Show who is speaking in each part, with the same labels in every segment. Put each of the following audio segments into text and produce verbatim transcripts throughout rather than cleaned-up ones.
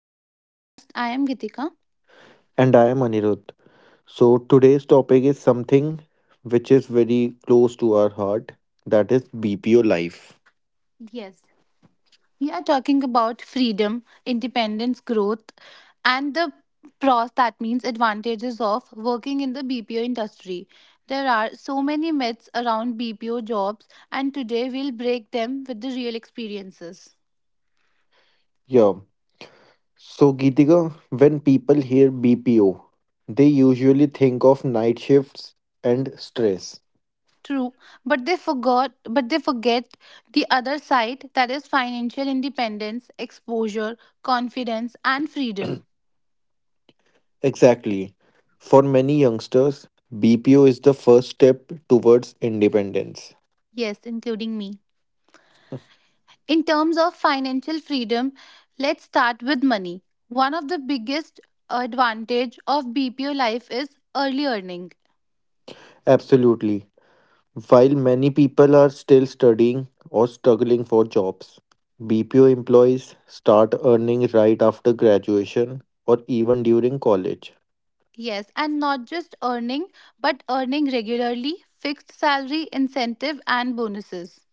Speaker 1: to our podcast. I am Gitika.
Speaker 2: And I am Anirudh. So today's topic is something which is very close to our heart, that is B P O life.
Speaker 1: Yes, we are talking about freedom, independence, growth, and the pros that means advantages of working in the B P O industry. There are so many myths around B P O jobs, and today we'll break them with the real experiences.
Speaker 2: Yeah. So, Geetika, when people hear B P O, they usually think of night shifts and stress.
Speaker 1: True, but they forgot, but they forget the other side, that is financial independence, exposure, confidence, and freedom.
Speaker 2: Exactly. For many youngsters, B P O is the first step towards independence.
Speaker 1: Yes, including me. In terms of financial freedom, let's start with money. One of the biggest advantage of B P O life is early earning.
Speaker 2: Absolutely. While many people are still studying or struggling for jobs, B P O employees start earning right after graduation or even during college.
Speaker 1: Yes, and not just earning, but earning regularly, fixed salary, incentive and bonuses.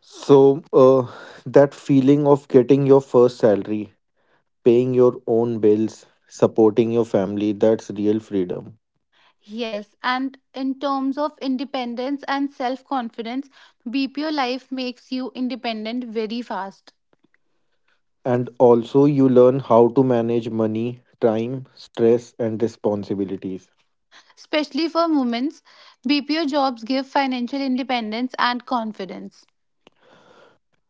Speaker 2: So, uh, that feeling of getting your first salary, paying your own bills, supporting your family, that's real freedom.
Speaker 1: Yes, and in terms of independence and self-confidence, B P O life makes you independent very fast.
Speaker 2: And also, you learn how to manage money, time, stress, and responsibilities.
Speaker 1: Especially for women, B P O jobs give financial independence and confidence.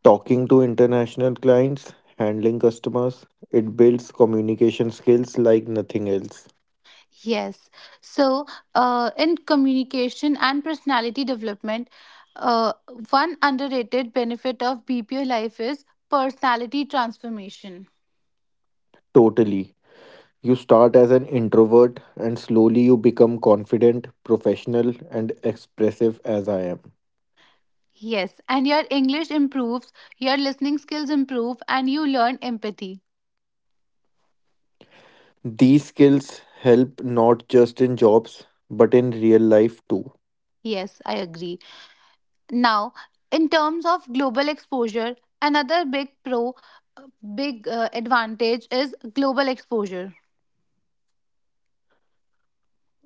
Speaker 2: Talking to international clients, handling customers, it builds communication skills like nothing else.
Speaker 1: Yes. So, uh, in communication and personality development, uh, one underrated benefit of B P O life is personality transformation.
Speaker 2: Totally. You start as an introvert and slowly you become confident, professional, and expressive as I am.
Speaker 1: Yes. And your English improves, your listening skills improve, and you learn empathy.
Speaker 2: These skills help not just in jobs but in real life too.
Speaker 1: Yes, I agree. Now, in terms of global exposure, another big pro, uh, big uh, advantage is global exposure.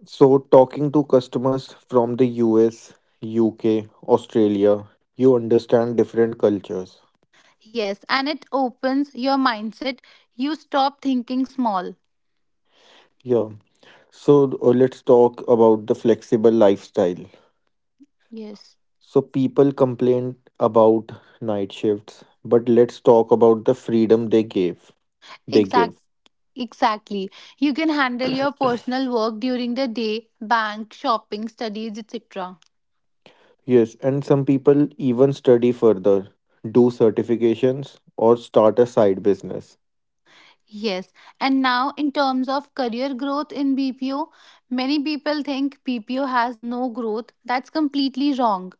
Speaker 2: So, talking to customers from the U S, U K, Australia, you understand different cultures.
Speaker 1: Yes, and it opens your mindset. You stop thinking small.
Speaker 2: Yeah. So uh, let's talk about the flexible lifestyle.
Speaker 1: Yes,
Speaker 2: So people complain about night shifts, but let's talk about the freedom they gave. They
Speaker 1: exact,
Speaker 2: give.
Speaker 1: exactly. You can handle your personal work during the day, bank, shopping, studies, et cetera.
Speaker 2: Yes, and some people even study further, do certifications or start a side business.
Speaker 1: Yes, and now in terms of career growth in B P O, many people think B P O has no growth. That's completely wrong.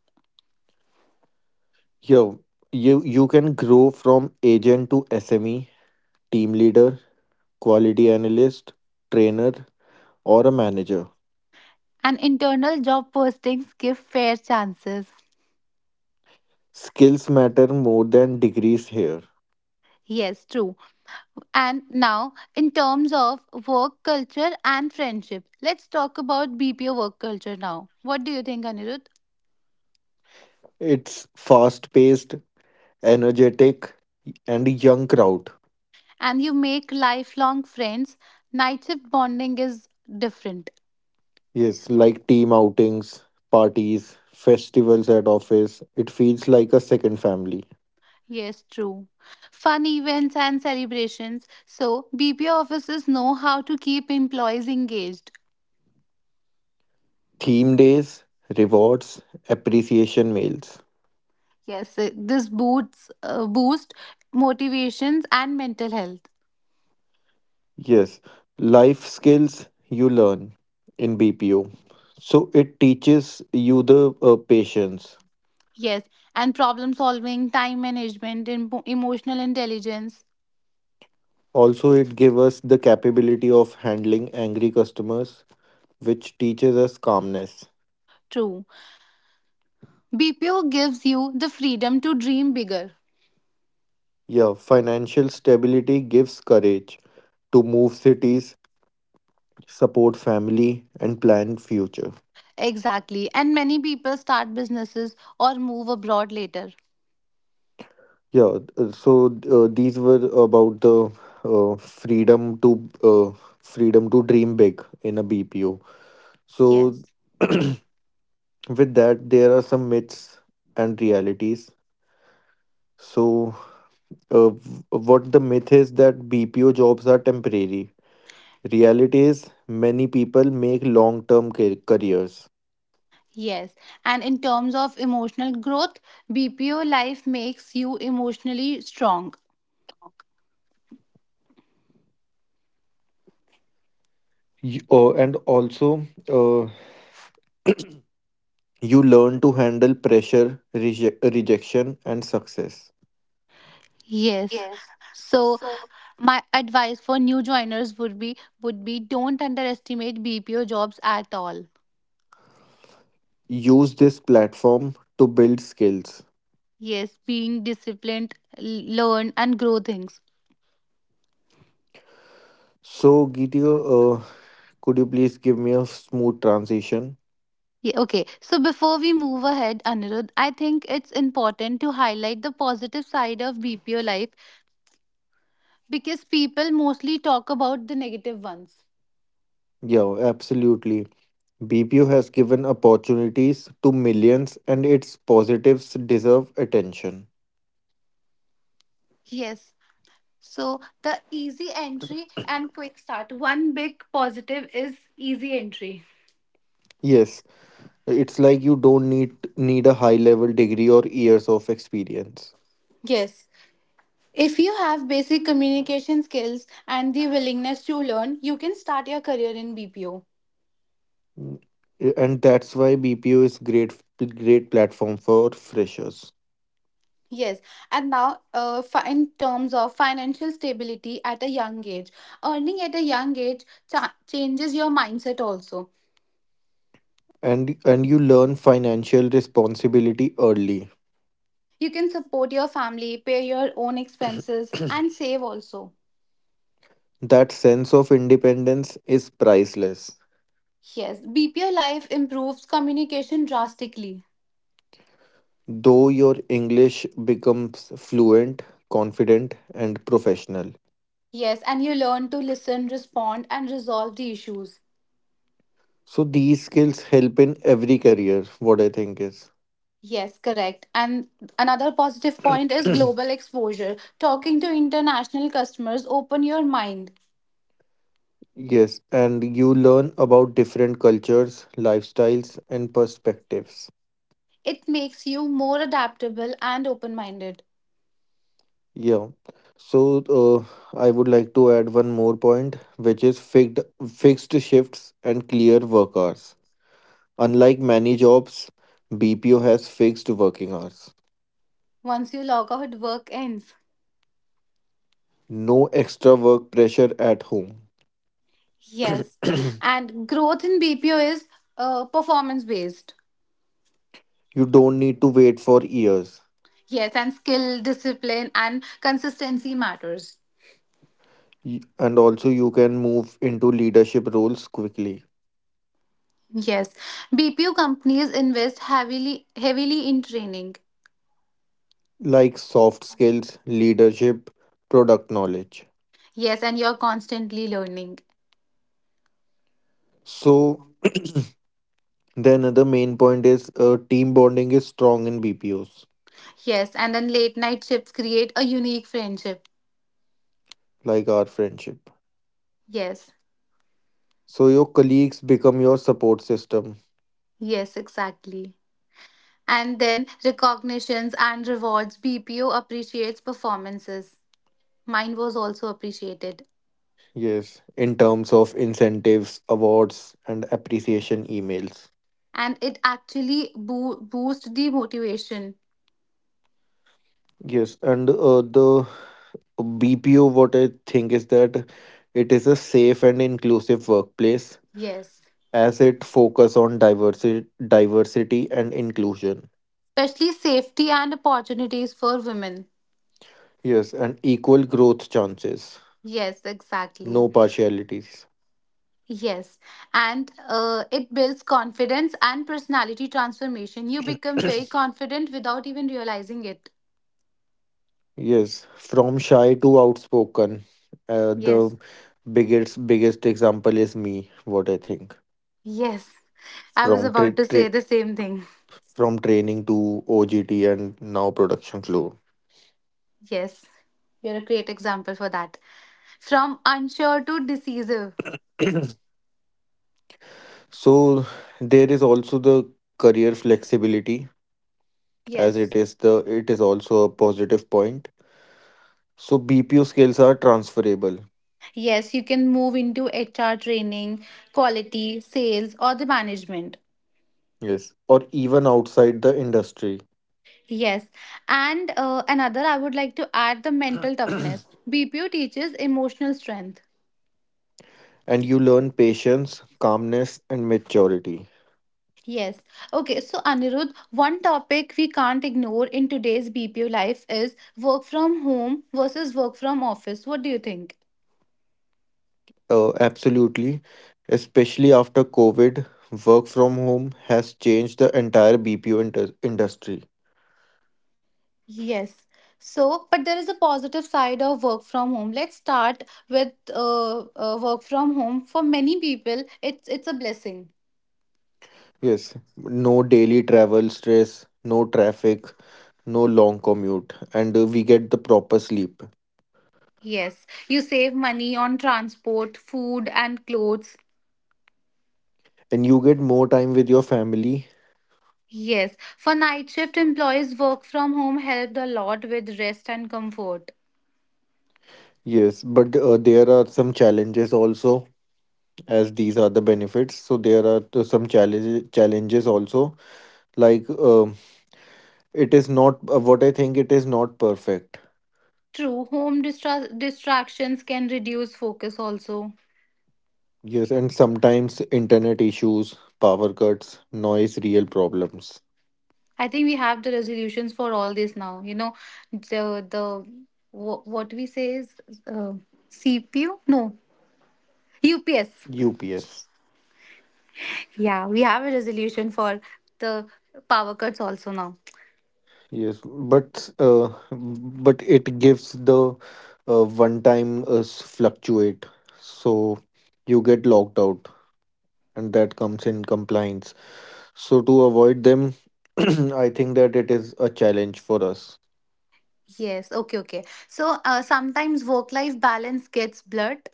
Speaker 2: Yo, you you can grow from agent to S M E, team leader, quality analyst, trainer or a manager.
Speaker 1: And internal job postings give fair chances.
Speaker 2: Skills matter more than degrees here.
Speaker 1: Yes, true. And now, in terms of work culture and friendship, let's talk about B P O work culture now. What do you think, Anirudh?
Speaker 2: It's fast paced, energetic, and young crowd.
Speaker 1: And you make lifelong friends, night shift bonding is different.
Speaker 2: Yes, like team outings, parties, festivals at office. It feels like a second family.
Speaker 1: Yes, true. Fun events and celebrations. So, B P O officers know how to keep employees engaged.
Speaker 2: Theme days, rewards, appreciation mails.
Speaker 1: Yes, uh, this boosts uh, boost motivations and mental health.
Speaker 2: Yes, life skills you learn in B P O. So it teaches you the uh, patience.
Speaker 1: Yes, and problem solving, time management, emo- emotional intelligence.
Speaker 2: Also, it gives us the capability of handling angry customers, which teaches us calmness.
Speaker 1: True. B P O gives you the freedom to dream bigger.
Speaker 2: Yeah, financial stability gives courage to move cities, support family, and plan future.
Speaker 1: Exactly. And many people start businesses or move abroad later.
Speaker 2: Yeah, uh, so uh, these were about the uh, freedom to uh, freedom to dream big in a B P O. So
Speaker 1: Yes,
Speaker 2: with that, there are some myths and realities. So uh, w- what the myth is that B P O jobs are temporary. Reality is many people make long-term ca- careers.
Speaker 1: yes. And in terms of emotional growth, B P O life makes you emotionally strong.
Speaker 2: Y- uh, and also, uh, you learn to handle pressure, reje- rejection, and success.
Speaker 1: Yes. So my advice for new joiners would be would be don't underestimate B P O jobs at all.
Speaker 2: Use this platform to build skills.
Speaker 1: Yes, being disciplined, l- learn and grow things.
Speaker 2: So, Gitio, uh, could you please give me a smooth transition?
Speaker 1: Yeah, okay. So before we move ahead, Anirudh, I think it's important to highlight the positive side of B P O life because people mostly talk about the negative ones.
Speaker 2: Yeah, absolutely. B P O has given opportunities to millions, and its positives deserve attention.
Speaker 1: Yes. So the easy entry and quick start. One big positive is easy entry.
Speaker 2: Yes, it's like you don't need need a high level degree or years of experience.
Speaker 1: Yes. If you have basic communication skills and the willingness to learn, you can start your career in B P O.
Speaker 2: Mm, and that's why B P O is great great platform for freshers.
Speaker 1: Yes. And now, uh, fi- in terms of financial stability at a young age, earning at a young age cha- changes your mindset also.
Speaker 2: And and you learn financial responsibility early.
Speaker 1: You can support your family, pay your own expenses, and save also.
Speaker 2: That sense of independence is priceless.
Speaker 1: Yes, B P O life improves communication drastically.
Speaker 2: Though your English becomes fluent, confident and professional.
Speaker 1: Yes, and you learn to listen, respond, and resolve the issues.
Speaker 2: So these skills help in every career, what I think is.
Speaker 1: Yes, correct. And another positive point is global exposure. Talking to international customers open your mind.
Speaker 2: Yes, and you learn about different cultures, lifestyles and perspectives.
Speaker 1: It makes you more adaptable and open-minded.
Speaker 2: Yeah. So uh, I would like to add one more point, which is fixed fixed shifts and clear work hours. Unlike many jobs, B P O has fixed working hours.
Speaker 1: Once you log out, work ends.
Speaker 2: No extra work pressure at home.
Speaker 1: Yes. And growth in B P O is uh, performance based.
Speaker 2: You don't need to wait for years.
Speaker 1: Yes, and skill, discipline, and consistency matters.
Speaker 2: Y- And also you can move into leadership roles quickly,
Speaker 1: Yes. B P O companies invest heavily heavily in training.
Speaker 2: like soft skills, leadership, product knowledge.
Speaker 1: Yes, and you're constantly learning.
Speaker 2: So then another main point is uh, team bonding is strong in B P Os
Speaker 1: Yes, and then late night shifts create a unique friendship.
Speaker 2: like our friendship.
Speaker 1: Yes,
Speaker 2: So your colleagues become your support system.
Speaker 1: yes, exactly. And then recognitions and rewards. B P O appreciates performances. Mine was also appreciated.
Speaker 2: Yes, in terms of incentives, awards, and appreciation emails.
Speaker 1: And it actually boo- boosts the motivation.
Speaker 2: Yes, and uh, the B P O, what I think is that it is a safe and inclusive workplace
Speaker 1: Yes.
Speaker 2: as it focus on diversity, diversity and inclusion.
Speaker 1: Especially safety and opportunities for women.
Speaker 2: Yes, and equal growth chances,
Speaker 1: Yes, exactly.
Speaker 2: no partialities.
Speaker 1: Yes, and uh, it builds confidence and personality transformation. You become very confident without even realizing it.
Speaker 2: Yes, from shy to outspoken. Uh,
Speaker 1: Yes,
Speaker 2: the biggest biggest example is me. What I think,
Speaker 1: yes. I was
Speaker 2: from tra-
Speaker 1: about to say
Speaker 2: tra-
Speaker 1: the same thing.
Speaker 2: from training to O G T and now production floor.
Speaker 1: Yes, you're a great example for that. From unsure to decisive.
Speaker 2: So there is also the career flexibility, as it
Speaker 1: Yes.
Speaker 2: is the it is also a positive point. So B P O skills are transferable.
Speaker 1: Yes, you can move into H R training, quality, sales, or the management.
Speaker 2: Yes, or even outside the industry,
Speaker 1: Yes. And uh, another, I would like to add the mental toughness. B P O teaches emotional strength.
Speaker 2: and you learn patience, calmness, and maturity.
Speaker 1: Yes. Okay. So, Anirudh, one topic we can't ignore in today's B P O life is work from home versus work from office. What do you think?
Speaker 2: Uh, absolutely. Especially after COVID, work from home has changed the entire B P O inter- industry.
Speaker 1: Yes. So, but there is a positive side of work from home. Let's start with uh, uh, work from home. For many people, it's it's a blessing.
Speaker 2: Yes, no daily travel stress, no traffic, no long commute, and uh, we get the proper sleep.
Speaker 1: Yes. You save money on transport, food, and clothes.
Speaker 2: And you get more time with your family.
Speaker 1: Yes. For night shift employees, work from home helped a lot with rest and comfort.
Speaker 2: Yes, but uh, There are some challenges also, as these are the benefits. So there are uh, some challenges challenges also. Like um, it is not uh, what I think. It is not perfect.
Speaker 1: True, home distra- distractions can reduce focus also.
Speaker 2: Yes, and sometimes internet issues, power cuts, noise, real problems.
Speaker 1: I think we have the resolutions for all this now. You know, the the wh- what we say is uh, C P U? No, U P S.
Speaker 2: U P S.
Speaker 1: Yeah, we have a resolution for the power cuts also now.
Speaker 2: Yes, but uh, but it gives the uh, one time uh, s- fluctuate, so you get locked out, and that comes in compliance. So to avoid them, I think that it is a challenge for us.
Speaker 1: Yes, okay, okay. So uh, sometimes work life balance gets blurred.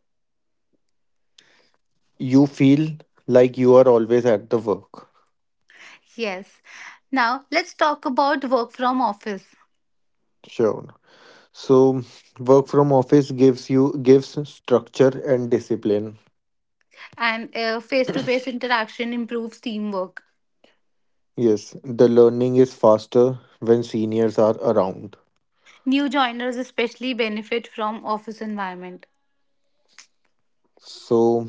Speaker 2: You feel like you are always at the work.
Speaker 1: Yes. Now let's talk about work from office.
Speaker 2: Sure. So work from office gives you gives structure and discipline.
Speaker 1: And face to face interaction improves teamwork.
Speaker 2: Yes, the learning is faster when seniors are around.
Speaker 1: New joiners especially benefit from office environment.
Speaker 2: So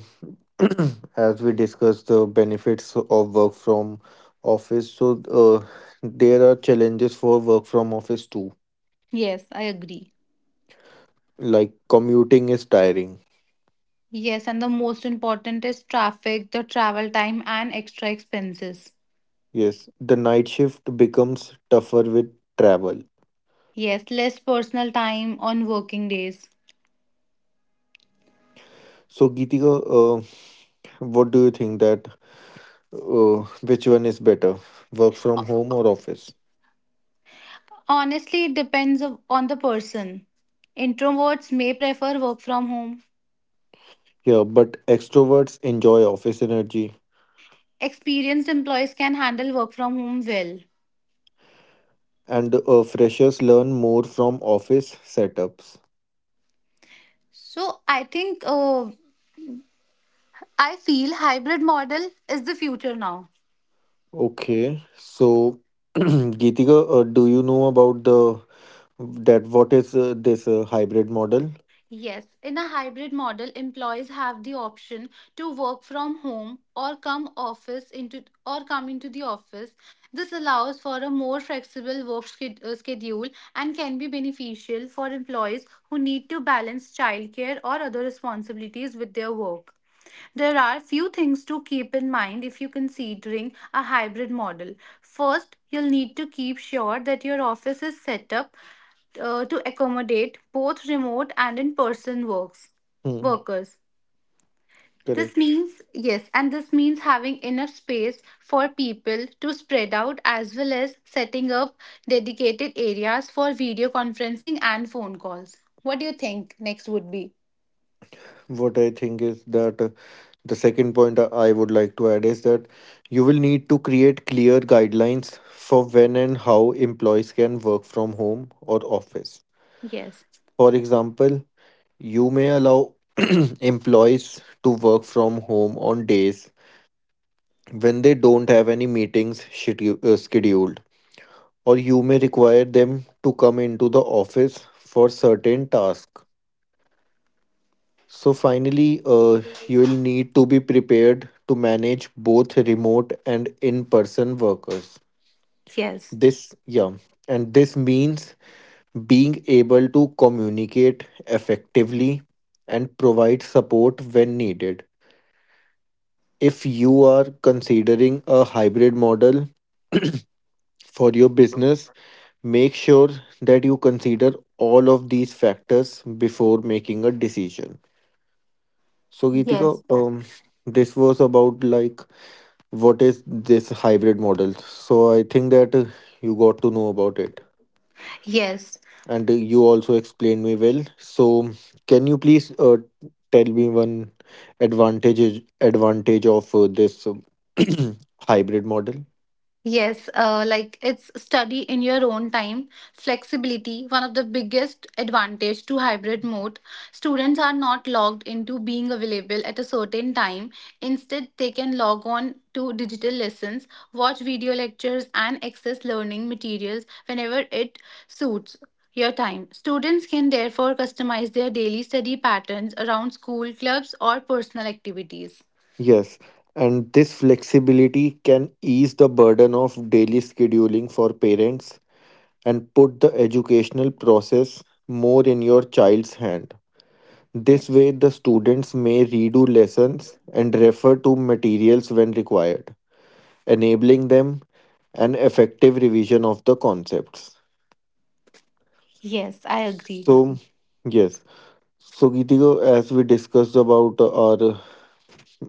Speaker 2: as we discuss the benefits of work from office, so uh, there are challenges for work from office too.
Speaker 1: Yes, I agree.
Speaker 2: Like commuting is tiring.
Speaker 1: Yes, and the most important is traffic, the travel time, and extra expenses.
Speaker 2: Yes, the night shift becomes tougher with travel.
Speaker 1: Yes, less personal time on working days.
Speaker 2: So Geetika, uh, what do you think that, oh, which one is better, work from
Speaker 1: Ho-
Speaker 2: home or office?
Speaker 1: Honestly, it depends of- on the person. Introverts may prefer work from home.
Speaker 2: Yeah, but extroverts enjoy office energy
Speaker 1: Experienced employees can handle work from home well.
Speaker 2: and uh, freshers learn more from office setups.
Speaker 1: So I think uh, I feel hybrid model is the future now.
Speaker 2: Okay, so Geetika, uh, do you know about the, that what is uh, this uh, hybrid model?
Speaker 1: Yes, in a hybrid model, employees have the option to work from home or come office into or come into the office. This allows for a more flexible work sched- uh, schedule and can be beneficial for employees who need to balance childcare or other responsibilities with their work. There are few things to keep in mind if you're considering a hybrid model. First, you'll need to keep sure that your office is set up uh, to accommodate both remote and in-person works
Speaker 2: Hmm,
Speaker 1: workers. This
Speaker 2: correct.
Speaker 1: means yes, and this means having enough space for people to spread out as well as setting up dedicated areas for video conferencing and phone calls. What do you think next would be?
Speaker 2: What I think is that, uh, the second point I I would like to add is that you will need to create clear guidelines for when and how employees can work from home or office.
Speaker 1: Yes.
Speaker 2: For example, you may allow employees to work from home on days when they don't have any meetings schedu- uh, scheduled, or you may require them to come into the office for certain tasks. So, finally, uh, you will need to be prepared to manage both remote and in person workers.
Speaker 1: Yes.
Speaker 2: This, yeah, and this means being able to communicate effectively and provide support when needed. If you are considering a hybrid model for your business, make sure that you consider all of these factors before making a decision. So, Geetika,
Speaker 1: Yes.
Speaker 2: um, this was about like what is this hybrid model. So, I think that uh, you got to know about it,
Speaker 1: Yes.
Speaker 2: and uh, you also explained me well. So, can you please uh, tell me one advantage advantage of uh, this um, hybrid model?
Speaker 1: Yes, uh, like it's study in your own time. Flexibility, one of the biggest advantage to hybrid mode. Students are not logged into being available at a certain time. Instead, they can log on to digital lessons, watch video lectures, and access learning materials whenever it suits your time. Students can therefore customize their daily study patterns around school clubs or personal activities.
Speaker 2: Yes, and this flexibility can ease the burden of daily scheduling for parents and put the educational process more in your child's hand. This way,
Speaker 1: Yes.
Speaker 2: the students may redo lessons and refer to materials when required, enabling them an effective revision of the concepts.
Speaker 1: Yes, I agree.
Speaker 2: So, yes. So, Geetiko, as we discussed about our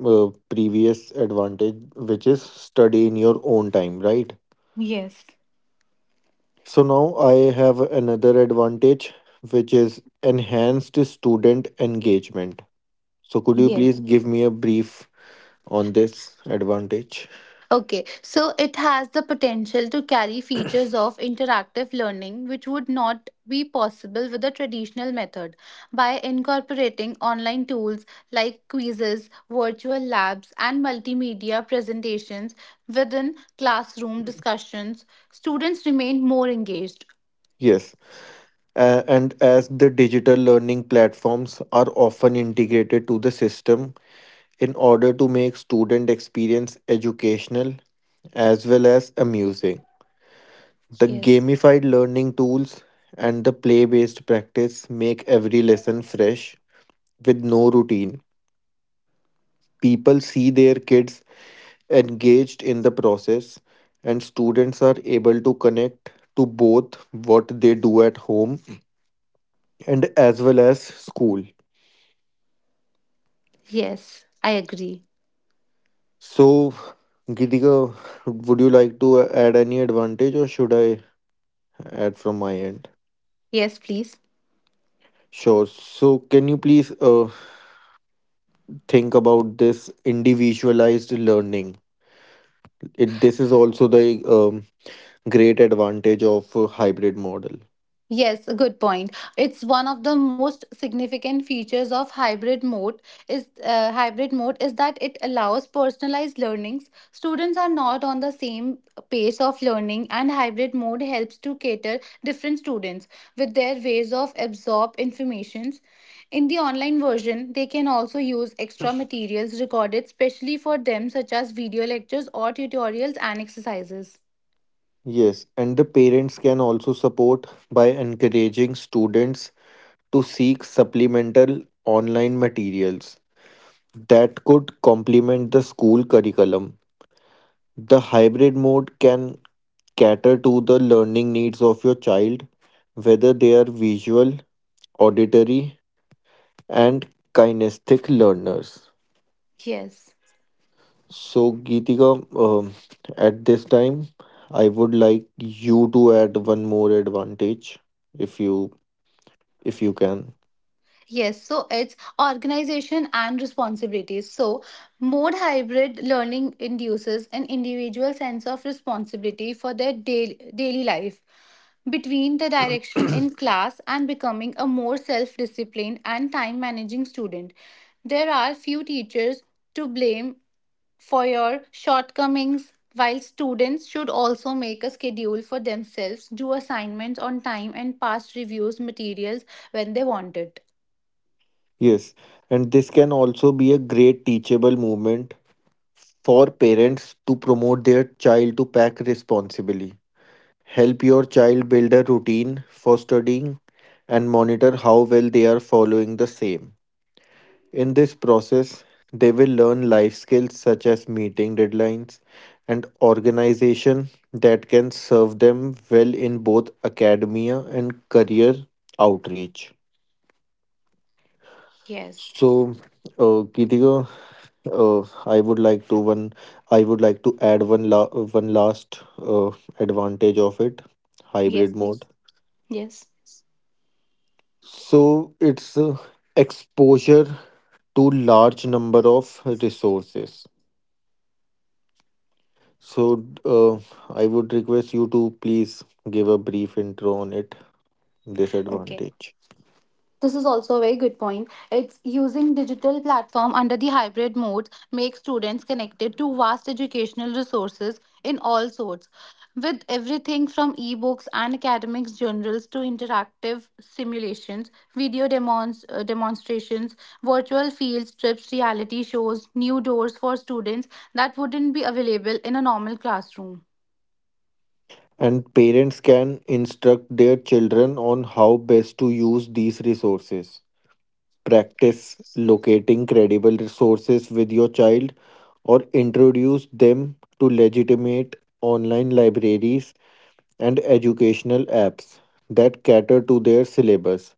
Speaker 2: uh, previous advantage, which is study in your own time, right?
Speaker 1: Yes.
Speaker 2: So now I have another advantage, which is enhanced student engagement. So could you
Speaker 1: Yes.
Speaker 2: please give me a brief on this advantage?
Speaker 1: Okay, so it has the potential to carry features of interactive learning which would not be possible with the traditional method. By incorporating online tools like quizzes, virtual labs, and multimedia presentations within classroom discussions, students remain more engaged.
Speaker 2: Yes, uh, and as the digital learning platforms are often integrated to the system in order to make student experience educational as well as amusing. The
Speaker 1: Yes.
Speaker 2: gamified learning tools and the play based practice make every lesson fresh with no routine. People see their kids engaged in the process, and students are able to connect to both what they do at home and as well as school.
Speaker 1: Yes, I agree.
Speaker 2: So, Gitika, would you like to add any advantage or should I add from my end?
Speaker 1: Yes, please.
Speaker 2: Sure. So, can you please uh, think about this individualized learning? It this is also the um, great advantage of a hybrid model.
Speaker 1: Yes, a good point. It's one of the most significant features of hybrid mode is uh, hybrid mode is that it allows personalized learnings. Students are not on the same pace of learning and hybrid mode helps to cater different students with their ways of absorb informations. In the online version, they can also use extra materials recorded specially for them such as video lectures or tutorials and exercises.
Speaker 2: Yes, and the parents can also support by encouraging students to seek supplemental online materials that could complement the school curriculum. The hybrid mode can cater to the learning needs of your child, whether they are visual, auditory and kinesthetic learners.
Speaker 1: Yes.
Speaker 2: So, Geetika, um, at this time, I would like you to add one more advantage if you, if you can.
Speaker 1: Yes, so it's organization and responsibilities. So, mode hybrid learning induces an individual sense of responsibility for their daily, daily life between the direction in class and becoming a more self disciplined and time managing student. There are few teachers to blame for your shortcomings, while students should also make a schedule for themselves, do assignments on time, and pass reviews materials when they want it.
Speaker 2: Yes, and this can also be a great teachable moment for parents to promote their child to pack responsibly. Help your child build a routine for studying and monitor how well they are following the same. In this process, they will learn life skills such as meeting deadlines and organization that can serve them well in both academia and career outreach.
Speaker 1: Yes.
Speaker 2: So, uh, Geetika, uh, I would like to one. I would like to add one la- one last uh, advantage of it,
Speaker 1: Yes,
Speaker 2: hybrid
Speaker 1: please.
Speaker 2: mode.
Speaker 1: Yes.
Speaker 2: So it's uh, exposure to large number of resources. So, uh, I would request you to please give a brief intro on it,
Speaker 1: Okay.
Speaker 2: disadvantage.
Speaker 1: This is also a very good point. It's using digital platform under the hybrid mode makes students connected to vast educational resources in all sorts, with everything from ebooks and academics journals to interactive simulations, video demons- uh, demonstrations, virtual field trips, reality shows, new doors for students that wouldn't be available in a normal classroom.
Speaker 2: And parents can instruct their children on how best to use these resources. Practice locating credible resources with your child or introduce them to legitimate online libraries and educational apps that cater to their syllabus.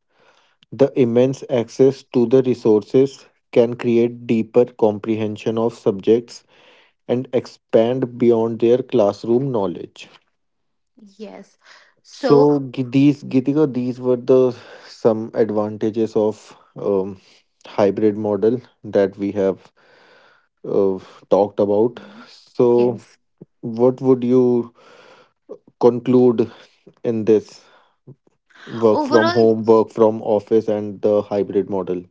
Speaker 2: The immense access to the resources can create deeper comprehension of subjects and expand beyond their classroom knowledge.
Speaker 1: Yes. So
Speaker 2: So g- these Gitika, these were the some advantages of um, hybrid model that we have uh, talked about. So
Speaker 1: yes.
Speaker 2: what would you conclude in this work from
Speaker 1: Overall,
Speaker 2: home, work from office, and the hybrid model?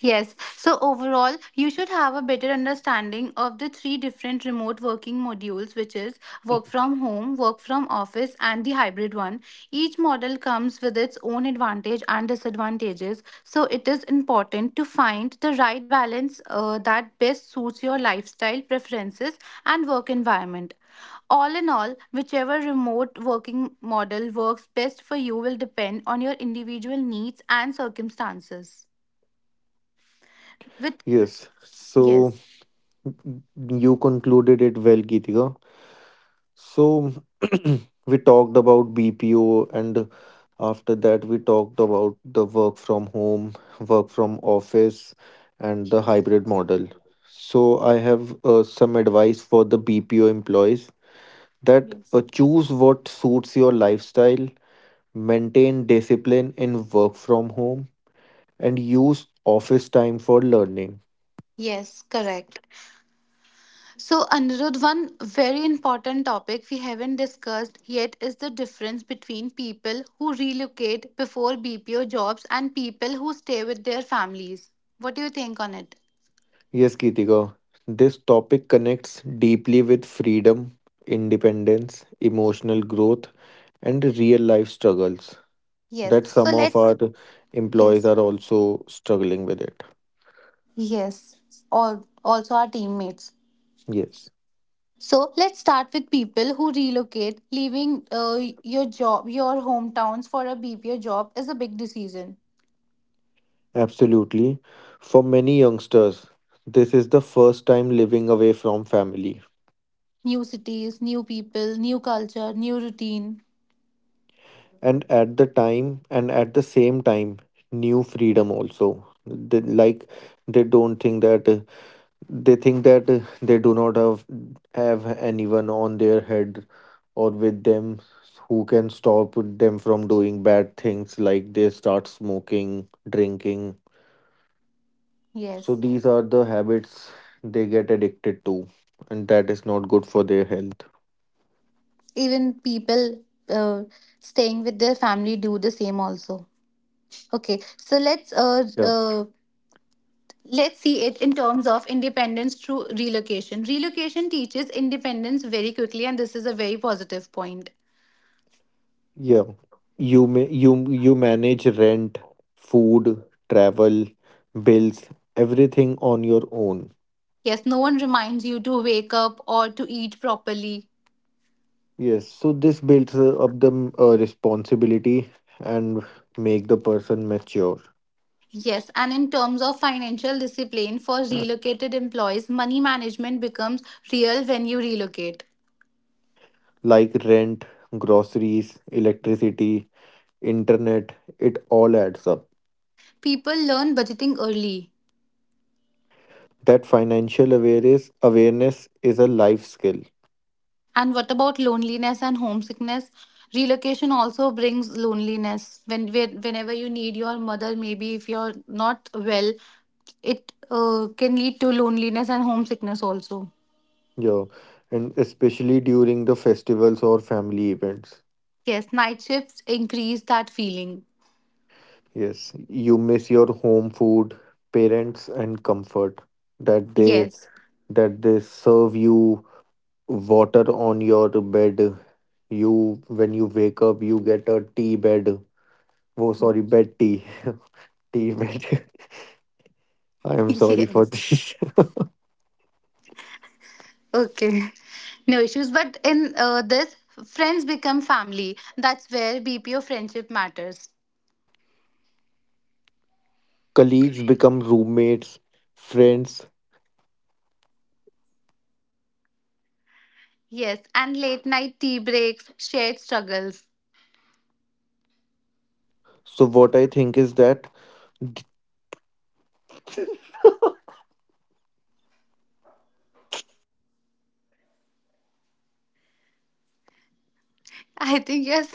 Speaker 1: yes, so overall, you should have a better understanding of the three different remote working modules, which is work from home, work from office, and the hybrid one. Each model comes with its own advantage and disadvantages, so it is important to find the right balance uh, that best suits your lifestyle preferences and work environment. All in all, whichever remote working model works best for you will depend on your individual needs and circumstances. With
Speaker 2: Yes. So
Speaker 1: yes.
Speaker 2: you concluded it well, Geetika. So we talked about B P O and after that we talked about the work from home, work from office and the hybrid model. So I have uh, some advice for the B P O employees that
Speaker 1: Yes.
Speaker 2: uh, choose what suits your lifestyle, maintain discipline in work from home and use office time for learning.
Speaker 1: Yes, correct. So, Anirudh, one very important topic we haven't discussed yet is the difference between people who relocate before B P O jobs and people who stay with their families. What do you think on it?
Speaker 2: Yes, Kitika, this topic connects deeply with freedom, independence, emotional growth, and real life struggles
Speaker 1: Yes.
Speaker 2: that
Speaker 1: So,
Speaker 2: some of our
Speaker 1: let's.
Speaker 2: employees
Speaker 1: Yes.
Speaker 2: are also struggling with it.
Speaker 1: Yes. All, also, our teammates.
Speaker 2: Yes,
Speaker 1: So, let's start with people who relocate. Leaving uh, your job, your hometowns for a B P O job is a big decision.
Speaker 2: absolutely. For many youngsters, this is the first time living away from family,
Speaker 1: New cities, new people, new culture, new routine.
Speaker 2: and at the time and at the same time, new freedom also. They, like they don't think that, they think that uh, they do not have have anyone on their head or with them who can stop them from doing bad things, like they start smoking drinking, so
Speaker 1: Yes.
Speaker 2: these are the habits they get addicted to, and that is not good for their health.
Speaker 1: Even people uh, staying with their family do the same also. Okay. So let's uh,
Speaker 2: Yeah,
Speaker 1: uh, let's see it in terms of independence through relocation. Relocation teaches independence very quickly, and this is a very positive point.
Speaker 2: yeah, you may you, you manage rent, food, travel, bills, everything on your own.
Speaker 1: Yes, no one reminds you to wake up or to eat properly.
Speaker 2: Yes, so this builds uh, up the uh, responsibility and make the person mature.
Speaker 1: Yes, and in terms of financial discipline for relocated employees, money management becomes real when you relocate.
Speaker 2: Like rent, groceries, electricity, internet, it all adds up.
Speaker 1: People learn budgeting early.
Speaker 2: That financial awareness awareness is a life skill.
Speaker 1: And what about loneliness and homesickness? Relocation also brings loneliness. When whe- whenever you need your mother, maybe if you're not well, it uh, can lead to loneliness and homesickness also.
Speaker 2: Yeah, and especially during the festivals or family events.
Speaker 1: Yes, night shifts increase that feeling.
Speaker 2: Yes, you miss your home food, parents and comfort that they,
Speaker 1: Yes,
Speaker 2: that they serve you water on your bed, you when you wake up you get a tea bed, oh sorry, bed tea tea bed I am sorry for
Speaker 1: yes.
Speaker 2: this.
Speaker 1: Okay, no issues. But in uh, this, friends become family. That's where B P O friendship matters.
Speaker 2: Colleagues become roommates, friends,
Speaker 1: Yes, and late night tea breaks, shared struggles.
Speaker 2: so what I think is that
Speaker 1: I think yes.